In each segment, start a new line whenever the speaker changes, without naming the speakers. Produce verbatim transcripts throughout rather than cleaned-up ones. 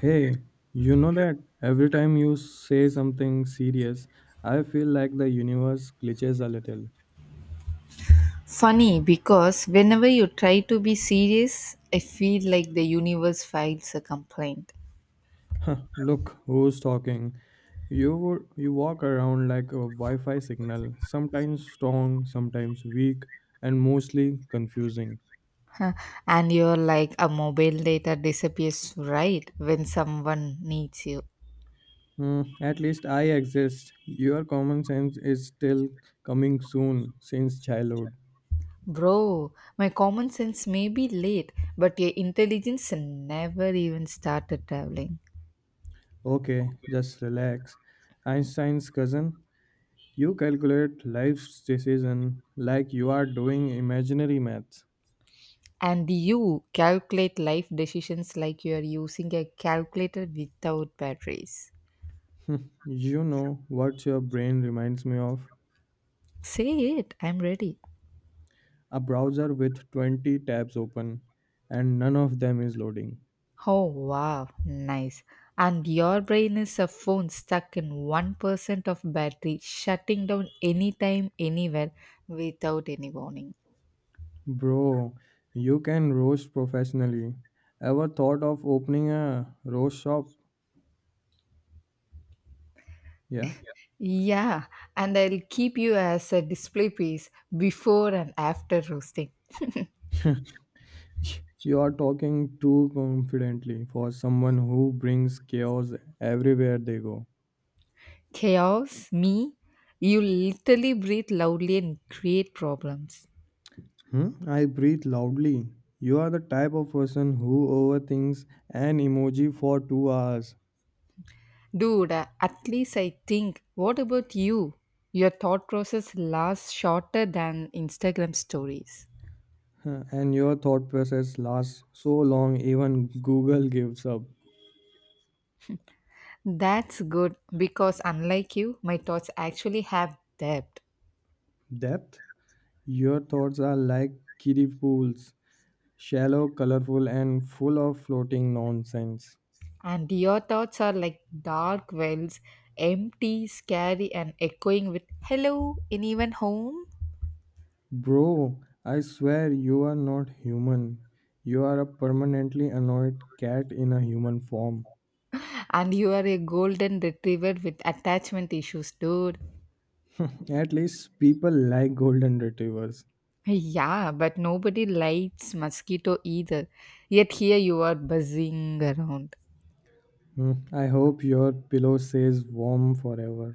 Hey, you know that every time you say something serious, I feel like the universe glitches a little.
Funny because whenever you try to be serious, I feel like the universe files a complaint.
Huh, look who's talking. You would- you walk around like a Wi-Fi signal, sometimes strong, sometimes weak, and mostly confusing.
And you're like, a mobile data disappears right when someone needs you.
Hmm, at least I exist. Your common sense is still coming soon since childhood.
Bro, my common sense may be late, but your intelligence never even started traveling.
Okay, just relax. Einstein's cousin? You calculate life's decision like you are doing imaginary maths.
And you calculate life decisions like you are using a calculator without batteries.
You know what your brain reminds me of?
Say it, I'm ready.
A browser with twenty tabs open and none of them is loading.
Oh wow, nice. And your brain is a phone stuck in one percent of battery, shutting down anytime, anywhere without any warning.
Bro, you can roast professionally. Ever thought of opening a roast shop? Yeah.
Yeah, and I'll keep you as a display piece before and after roasting.
You are talking too confidently for someone who brings chaos everywhere they go.
Chaos, me, you literally breathe loudly and create problems.
Hmm? I breathe loudly. You are the type of person who overthinks an emoji for two hours.
Dude, uh, at least I think, what about you? Your thought process lasts shorter than Instagram stories.
Huh, and your thought process lasts so long even Google gives up.
That's good because, unlike you, my thoughts actually have depth.
Depth? Your thoughts are like kiddie pools, shallow, colorful, and full of floating nonsense.
And your thoughts are like dark wells, empty, scary, and echoing with hello, anyone home?
Bro, I swear you are not human. You are a permanently annoyed cat in a human form.
And you are a golden retriever with attachment issues, dude.
At least people like golden retrievers.
Yeah, but nobody likes mosquito either. Yet here you are buzzing around.
Hmm, I hope your pillow stays warm forever.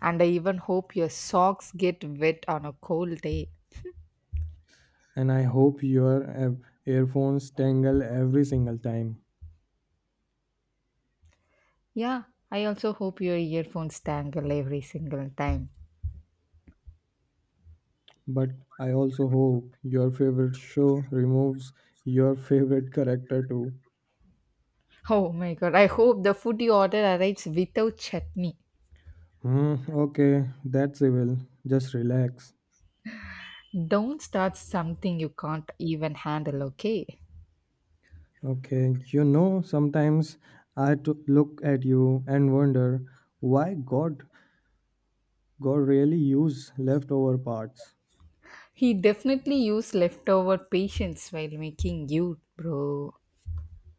And I even hope your socks get wet on a cold day.
And I hope your ear- earphones tangle every single time.
Yeah, I also hope your earphones tangle every single time.
But I also hope your favorite show removes your favorite character too.
Oh my god, I hope the food you order arrives without chutney.
Hmm, okay, that's evil. Just relax.
Don't start something you can't even handle, okay?
Okay, you know, sometimes I t- look at you and wonder why God, God really used leftover parts.
He definitely used leftover patience while making you, bro.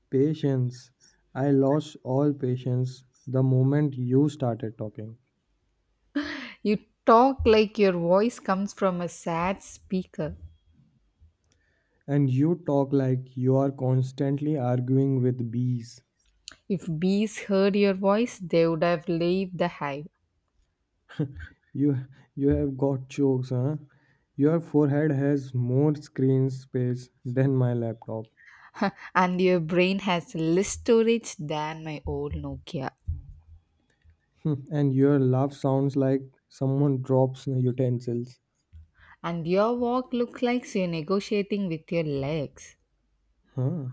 Patience. I lost all patience the moment you started talking.
You talk like your voice comes from a sad speaker.
And you talk like you are constantly arguing with bees.
If bees heard your voice, they would have left the hive.
You you have got jokes, huh? Your forehead has more screen space than my laptop.
And your brain has less storage than my old Nokia.
And your laugh sounds like someone drops utensils.
And your walk looks like so you're negotiating with your legs.
Huh.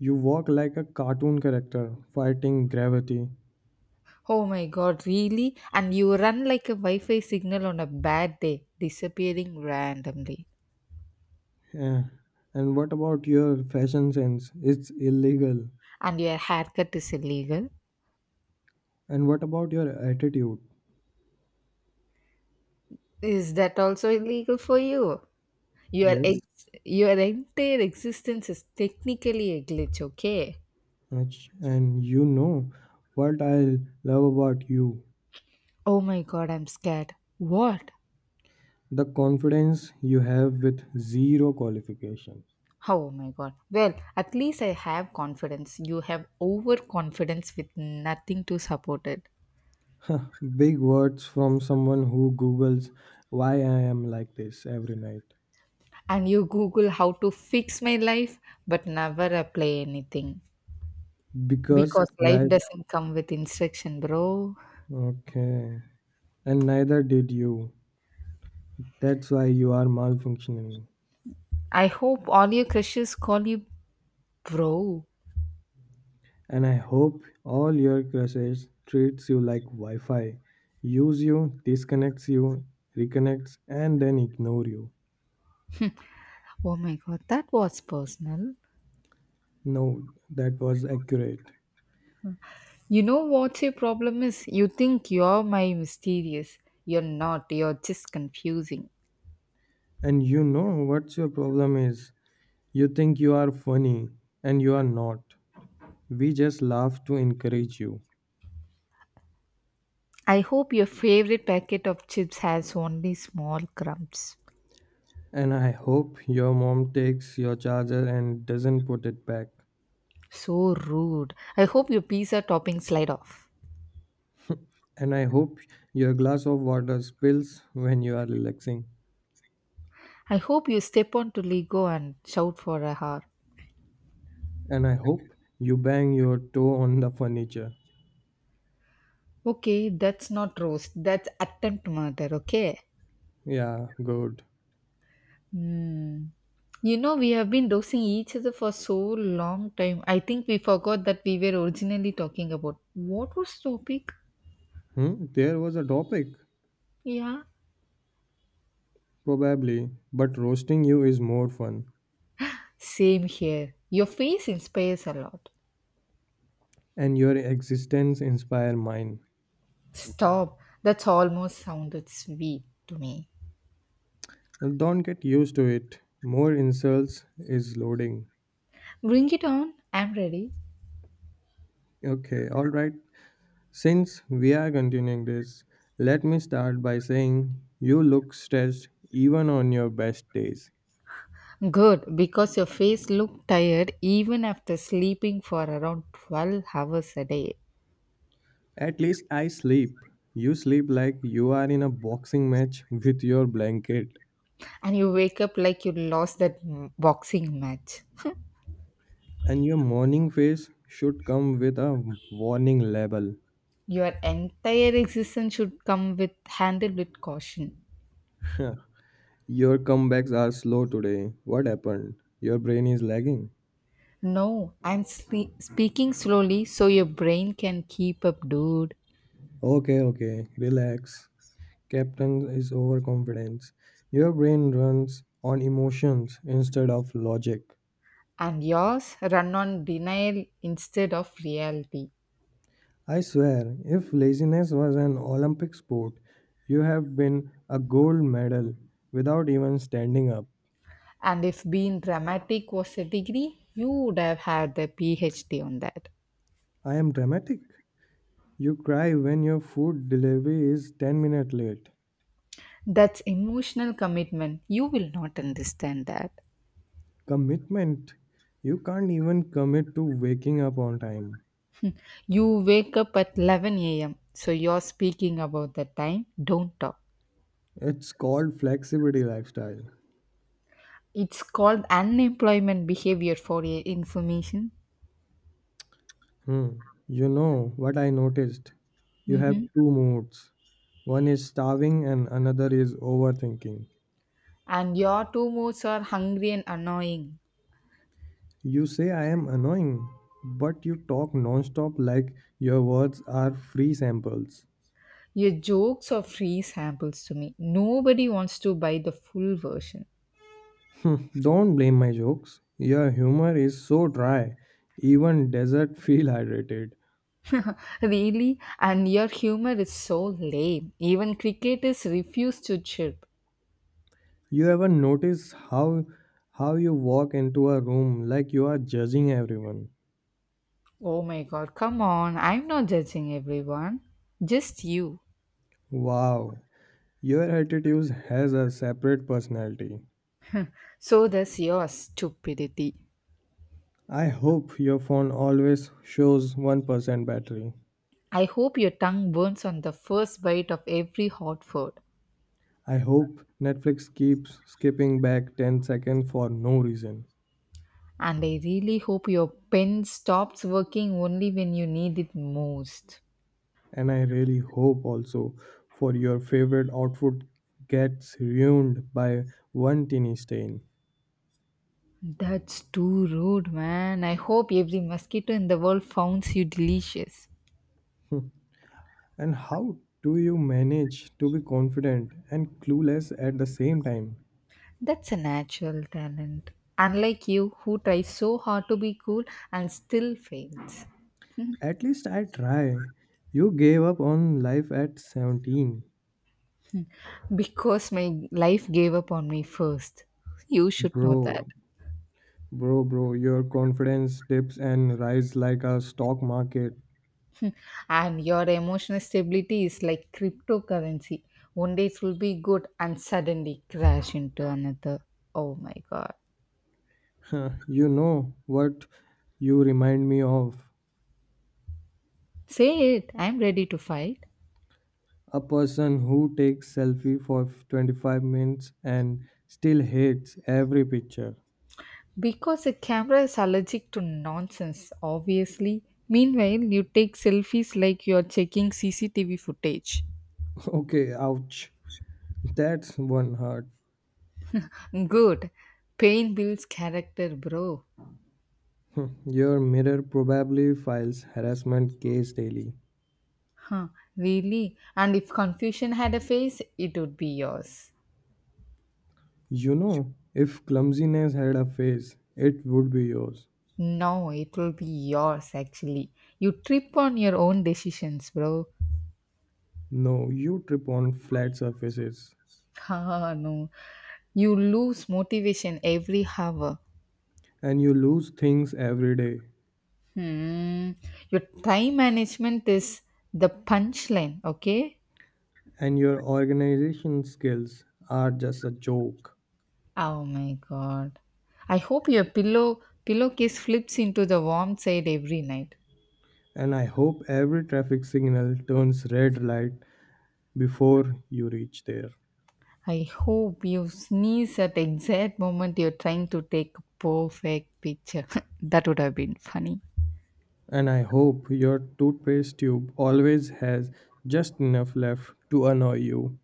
You walk like a cartoon character fighting gravity.
Oh my god, really? And you run like a Wi Fi signal on a bad day, disappearing randomly.
Eh, and what about your fashion sense? It's illegal.
And your haircut is illegal.
And what about your attitude?
Is that also illegal for you? Your
Yes,
ex- your entire existence is technically a glitch, okay?
Ach- and you know what I love about you,
Oh my god, I'm scared. What?
the confidence you have with zero qualification.
Oh my god. Well, at least I have confidence. You have overconfidence with nothing to support it.
Huh, big words from someone who Googles why I am like this every night.
And you google how to fix my life but never apply anything
Because
because life
life.
doesn't come with instruction bro.
Okay. And neither did you. That's why you are malfunctioning.
I hope all your crushes call you bro.
And I hope all your crushes treats you like Wi-Fi, use you, disconnects you, reconnects, and then ignore you.
Oh my god, that was personal.
No, that was accurate.
You know what your problem is, you think you're my mysterious, you're not, you're just confusing.
And you know what's your problem is? You think you are funny, and you are not. We just laugh to encourage you.
I hope your favorite packet of chips has only small crumbs.
And I hope your mom takes your charger and doesn't put it back.
So rude, I hope your pizza toppings slide off.
And I hope your glass of water spills when you are relaxing.
I hope you step onto Lego and shout for a hour.
And I hope you bang your toe on the furniture.
Okay, that's not roast. That's attempt murder, okay?
Yeah, good.
Hmm. You know, we have been roasting each other for so long time. I think we forgot that we were originally talking about. What was the topic?
Hmm? There was a topic,
Yeah.
probably, but roasting you is more fun.
Same here. Your face inspires a lot.
And your existence inspire mine.
Stop. That's almost sounded sweet to me.
Well, don't get used to it. More insults is loading.
Bring it on. I'm ready.
Okay, alright. Since we are continuing this, let me start by saying you look stressed even on your best days.
Good, because your face looked tired even after sleeping for around twelve hours a day.
At least I sleep. You sleep like you are in a boxing match with your blanket.
And you wake up like you lost that m- boxing match.
And your morning face should come with a warning label.
Your entire existence should come with handled with caution.
Your comebacks are slow today. What happened? Your brain is lagging.
No, I'm sle- speaking slowly so your brain can keep up, dude.
Okay, okay, relax. Captain is overconfidence. Your brain runs on emotions instead of logic.
And yours run on denial instead of reality.
I swear, if laziness was an Olympic sport, you have been a gold medal without even standing up.
And if being dramatic was a degree, you would have had the PhD on that.
I am dramatic. You cry when your food delivery is ten minutes late.
That's emotional commitment. You will not understand that.
Commitment. You can't even commit to waking up on time.
You wake up at eleven a m. So you're speaking about the time. Don't talk.
It's called flexibility lifestyle.
It's called unemployment behavior for your information.
Hmm. You know what I noticed? You have
Mhm.
two moods. One is starving and another is overthinking.
And your two moods are hungry and annoying.
You say I am annoying, but you talk nonstop like your words are free samples.
Your jokes are free samples to me. Nobody wants to buy the full version.
Hmm, don't blame my jokes. Your humor is so dry, even desert feel hydrated.
Really? And your humor is so lame. Even cricketers refuse to chirp.
You ever notice how how you walk into a room like you are judging everyone?
Oh my god, come on. I'm not judging everyone. Just you.
Wow, your attitude has a separate personality.
So does your stupidity.
I hope your phone always shows one percent battery.
I hope your tongue burns on the first bite of every hot food.
I hope Netflix keeps skipping back ten seconds for no reason.
And I really hope your pen stops working only when you need it most.
And I really hope also for your favorite outfit gets ruined by one teeny stain.
That's too rude, man. I hope every mosquito in the world finds you delicious.
Hmm. And how do you manage to be confident and clueless at the same time?
That's a natural talent. Unlike you, who tries so hard to be cool and still fails.
At least I try. You gave up on life at seventeen.
Because my life gave up on me first. You should know that.
Bro, bro, bro, your confidence dips and rise like a stock market.
And your emotional stability is like cryptocurrency. One day it will be good and suddenly crash into another. Oh my god.
Huh, you know what you remind me of?
Say it. I'm ready to fight.
A person who takes selfie for twenty-five minutes and still hates every picture.
Because a camera is allergic to nonsense, obviously. Meanwhile, you take selfies like you're checking C C T V footage.
Okay, ouch. That's one hurt.
Good. Pain builds character, bro.
Hmm, your mirror probably files harassment case daily.
Huh, really? And if confusion had a face, it would be yours.
You know, if clumsiness had a face, it would be yours.
No, it will be yours actually. You trip on your own decisions, bro.
No, you trip on flat surfaces,
Ah, no. You lose motivation every hour.
and you lose things every day,
Hmm. Your time management is the punchline, okay?
and your organization skills are just a joke.
Oh my god. I hope your pillow pillowcase flips into the warm side every night.
And I hope every traffic signal turns red light before you reach there.
I hope you sneeze at the exact moment you're trying to take a perfect picture. That would have been funny.
And I hope your toothpaste tube always has just enough left to annoy you.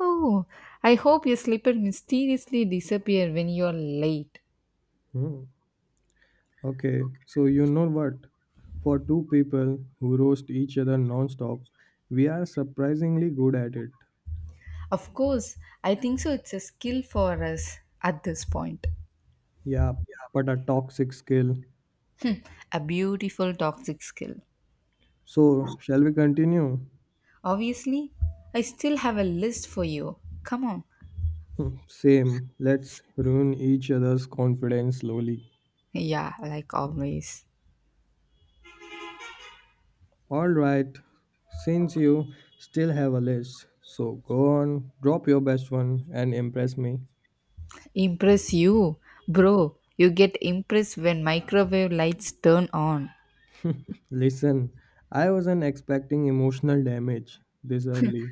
Oh, I hope your slipper mysteriously disappear when you're late.
Hmm. Okay, so you know what? For two people who roast each other non-stop, we are surprisingly good at it.
Of course, I think so it's a skill for us at this point.
Yeah, but a toxic skill.
A beautiful toxic skill.
So, shall we continue?
Obviously, I still have a list for you. Come on.
Hmm, same. Let's ruin each other's confidence slowly.
Yeah, like always.
All right, since you still have a list, so go on, drop your best one and impress me.
Impress you, bro. You get impressed when microwave lights turn on.
Listen, I wasn't expecting emotional damage this early.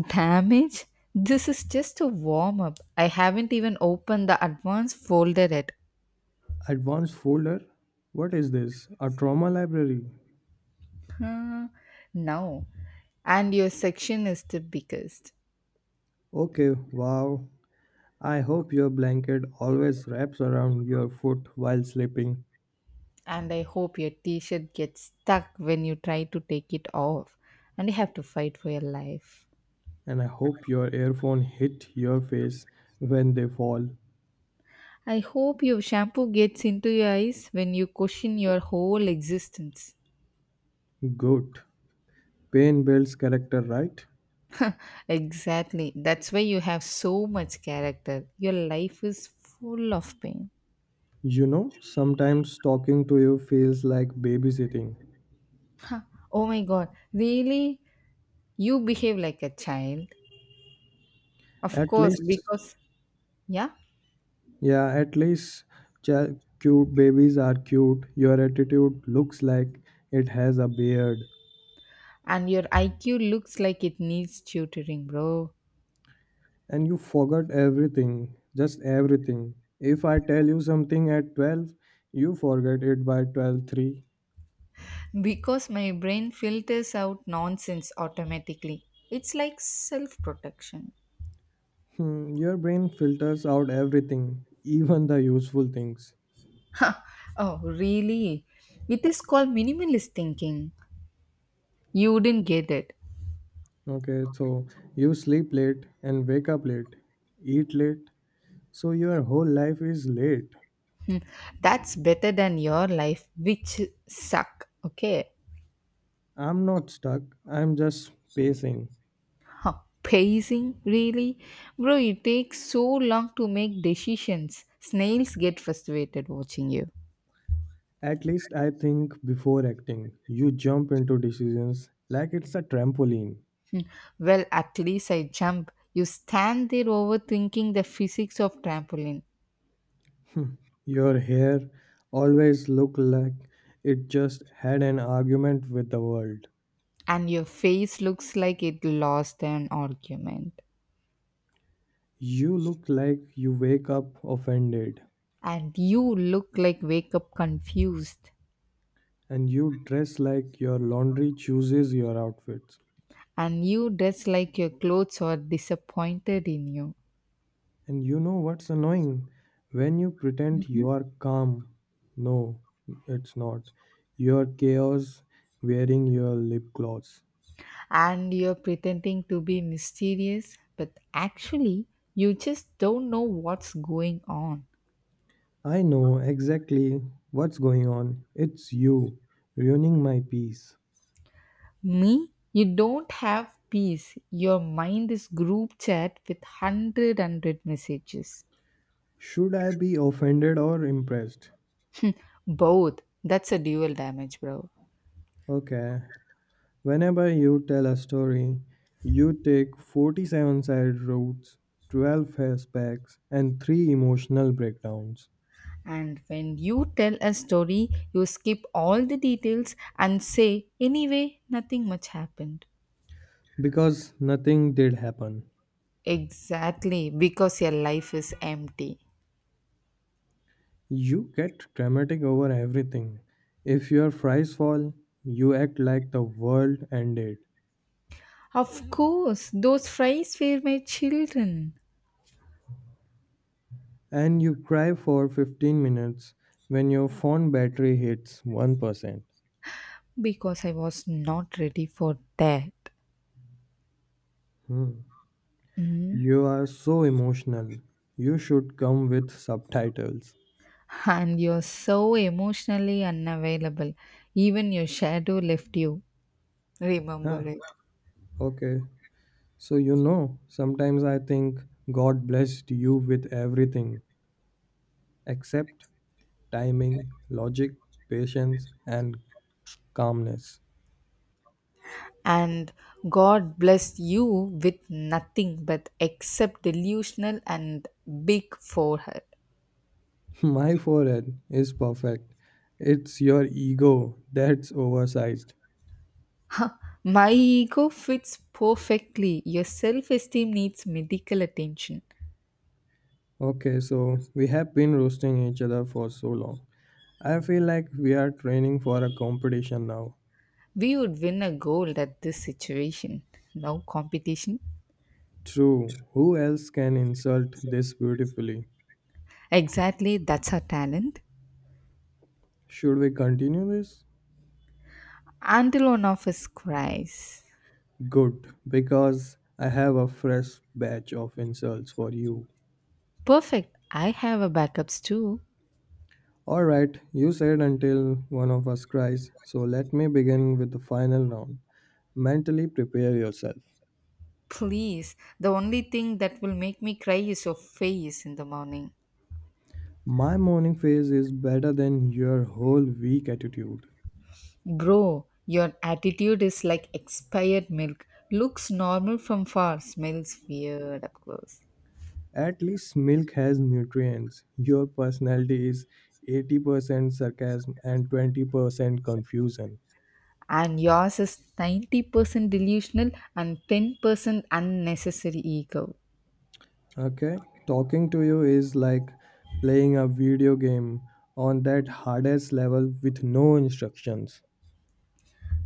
Damage? This is just a warm up. I haven't even opened the advanced folder yet.
Advanced folder? What is this? A trauma library?
Huh? No. And your section is the biggest.
Okay, wow. I hope your blanket always wraps around your foot while sleeping,
And I hope your t shirt gets stuck when you try to take it off and you have to fight for your life.
and I hope your earphone hit your face when they fall.
I hope your shampoo gets into your eyes when you question your whole existence.
Good. Pain builds character, right?
Exactly. That's why you have so much character. Your life is full of pain.
You know, sometimes talking to you feels like babysitting.
Huh. Oh my god, really? You behave like a child. Of
At
course,
least,
because, yeah,
yeah, at least cha- cute babies are cute. Your attitude looks like it has a beard.
and your I Q looks like it needs tutoring, bro.
And you forgot everything, just everything. If I tell you something at twelve, you forget it by twelve three.
Because my brain filters out nonsense automatically. It's like self protection.
Hmm, your brain filters out everything, even the useful things.
Huh. Oh, really? It is called minimalist thinking. You wouldn't get it.
Okay, so you sleep late and wake up late, eat late. So your whole life is late.
That's better than your life, which suck, okay?
I'm not stuck, I'm just pacing.
Huh, pacing? Really? Bro, you take so long to make decisions. Snails get frustrated watching you.
At least I think before acting. You jump into decisions like it's a trampoline.
Well, at least I jump. You stand there overthinking the physics of trampoline,
Your hair always look like it just had an argument with the world.
and your face looks like it lost an argument.
You look like you wake up offended
And you look like wake up confused.
and you dress like your laundry chooses your outfits.
And you dress like your clothes are disappointed in you.
And you know what's annoying? When you pretend you are calm. No, it's not. You're chaos wearing your lip gloss.
And you're pretending to be mysterious, but actually, you just don't know what's going on.
I know exactly what's going on. It's you ruining my peace.
Me, you don't have peace. Your mind is group chat with hundred hundred messages.
Should I be offended or impressed?
Both. That's a dual damage, bro.
Okay. Whenever you tell a story, you take forty-seven side routes, twelve flashbacks, and three emotional breakdowns
And when you tell a story, you skip all the details and say, anyway, nothing much happened.
because nothing did happen.
Exactly, because your life is empty.
You get dramatic over everything. If your fries fall, you act like the world ended.
Of course, those fries were my children
And you cry for fifteen minutes when your phone battery hits one percent.
because I was not ready for that.
Hmm.
Mm.
You are so emotional. You should come with subtitles.
And you're so emotionally unavailable. Even your shadow left you. Remember
Huh,
it.
okay. So, you know, sometimes I think God blessed you with everything except timing, logic, patience, and calmness.
And God blessed you with nothing but except delusional and big forehead.
My forehead is perfect. It's your ego that's oversized.
Ha, my ego fits perfectly. Your self esteem needs medical attention.
Okay, so we have been roasting each other for so long. I feel like we are training for a competition now.
We would win a gold at this situation. No competition.
True, who else can insult this beautifully?
Exactly, that's our talent.
Should we continue this?
Until one of us cries.
Good, because I have a fresh batch of insults for you.
Perfect, I have a backups too.
Alright, you said until one of us cries, so let me begin with the final round. Mentally prepare yourself.
Please, the only thing that will make me cry is your face in the morning.
My morning phase is better than your whole week attitude.
Bro, your attitude is like expired milk. Looks normal from far, smells weird up close.
At least milk has nutrients. Your personality is eighty percent sarcasm and twenty percent confusion.
And yours is ninety percent delusional and ten percent unnecessary ego.
Okay? Talking to you is like playing a video game on that hardest level with no instructions.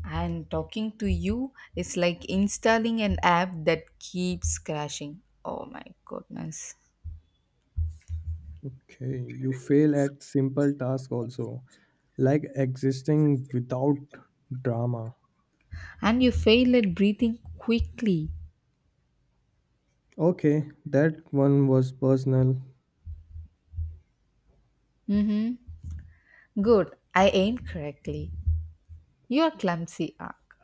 And talking to you is like installing an app that keeps crashing. Oh my goodness.
Okay, you fail at simple tasks also, like existing without drama.
And you fail at breathing quickly.
Okay, that one was personal.
Good, I aimed correctly. You are clumsy, Ark.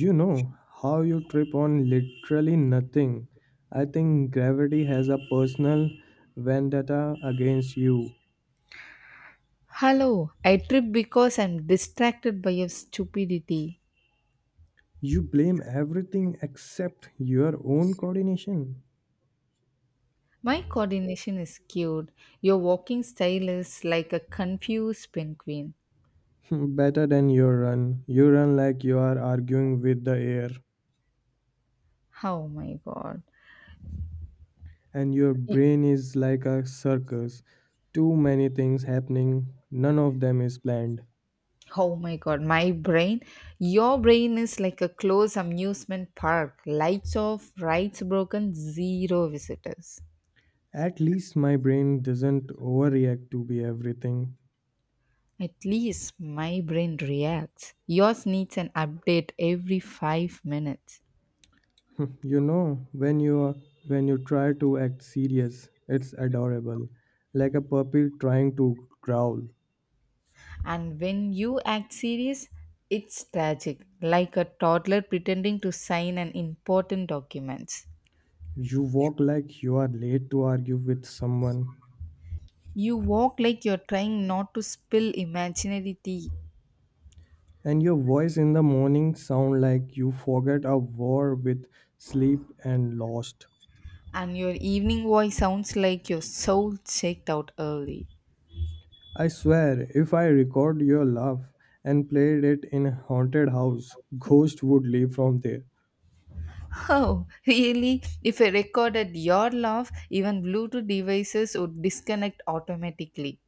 You know how you trip on literally nothing. I think gravity has a personal vendetta against you.
Hello, I trip because I'm distracted by your stupidity.
You blame everything except your own coordination.
My coordination is skewed. Your walking style is like a confused penguin.
Better than your run. You run like you are arguing with the air,
Oh my god.
and your brain is like a circus. Too many things happening, none of them is planned.
Oh my god, my brain. Your brain is like a closed amusement park. Lights off, rides broken, zero visitors.
At least my brain doesn't overreact to be everything.
At least my brain reacts. Yours needs an update every five minutes.
You know, when you are- when you try to act serious, it's adorable, like a puppy trying to growl.
And when you act serious, it's tragic, like a toddler pretending to sign an important document.
You walk like you are late to argue with someone,
You walk like you're trying not to spill imaginary tea.
and your voice in the morning sound like you forget a war with sleep and lost.
And your evening voice sounds like your soul checked out early.
I swear, if I record your laugh and played it in a haunted house, ghost would leave from there.
Oh, really? If I recorded your laugh, even Bluetooth devices would disconnect automatically.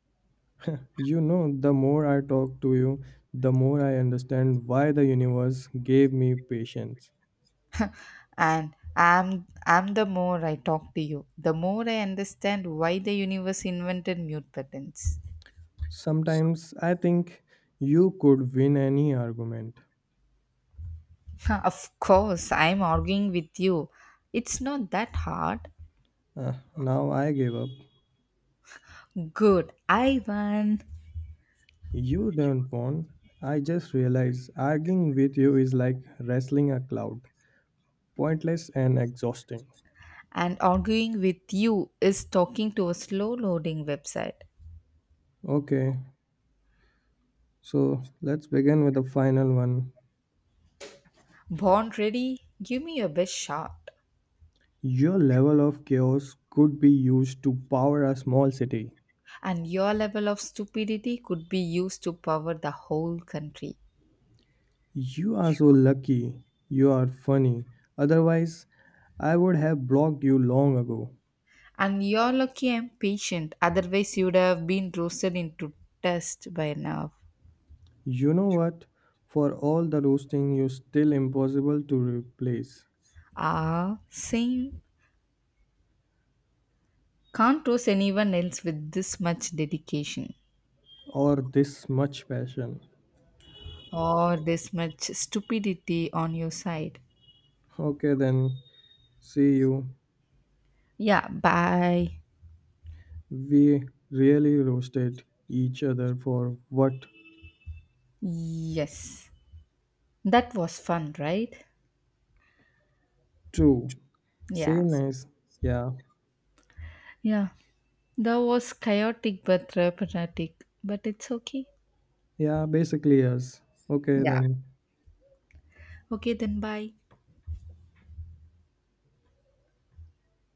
You know, the more I talk to you, the more I understand why the universe gave me patience.
And I'm, I'm the more I talk to you, the more I understand why the universe invented mute buttons.
Sometimes I think you could win any argument.
Of course, I'm arguing with you. It's not that hard.
Ah, now I gave up.
Good, I won.
You don't want. I just realized arguing with you is like wrestling a cloud, pointless and exhausting.
And arguing with you is talking to a slow loading website.
Okay, so let's begin with the final one.
Born ready, give me your best shot,
Your level of chaos could be used to power a small city.
and your level of stupidity could be used to power the whole country.
You are so lucky. You are funny. Otherwise, I would have blocked you long ago.
And you're lucky I'm patient, otherwise, you'd have been roasted into dust by now.
You know what? For all the roasting, you're still impossible to replace.
Ah, same. Can't roast anyone else with this much dedication
Or this much passion.
or this much stupidity on your side.
Okay, then, see you.
Yeah, bye.
We really roasted each other for what?
Yes. That was fun, right?
True. Say
Yeah.
nice. Yeah.
Yeah. That was chaotic but therapeutic, but it's okay.
Yeah, basically, yes. Okay,
Yeah.
then.
Okay, then bye.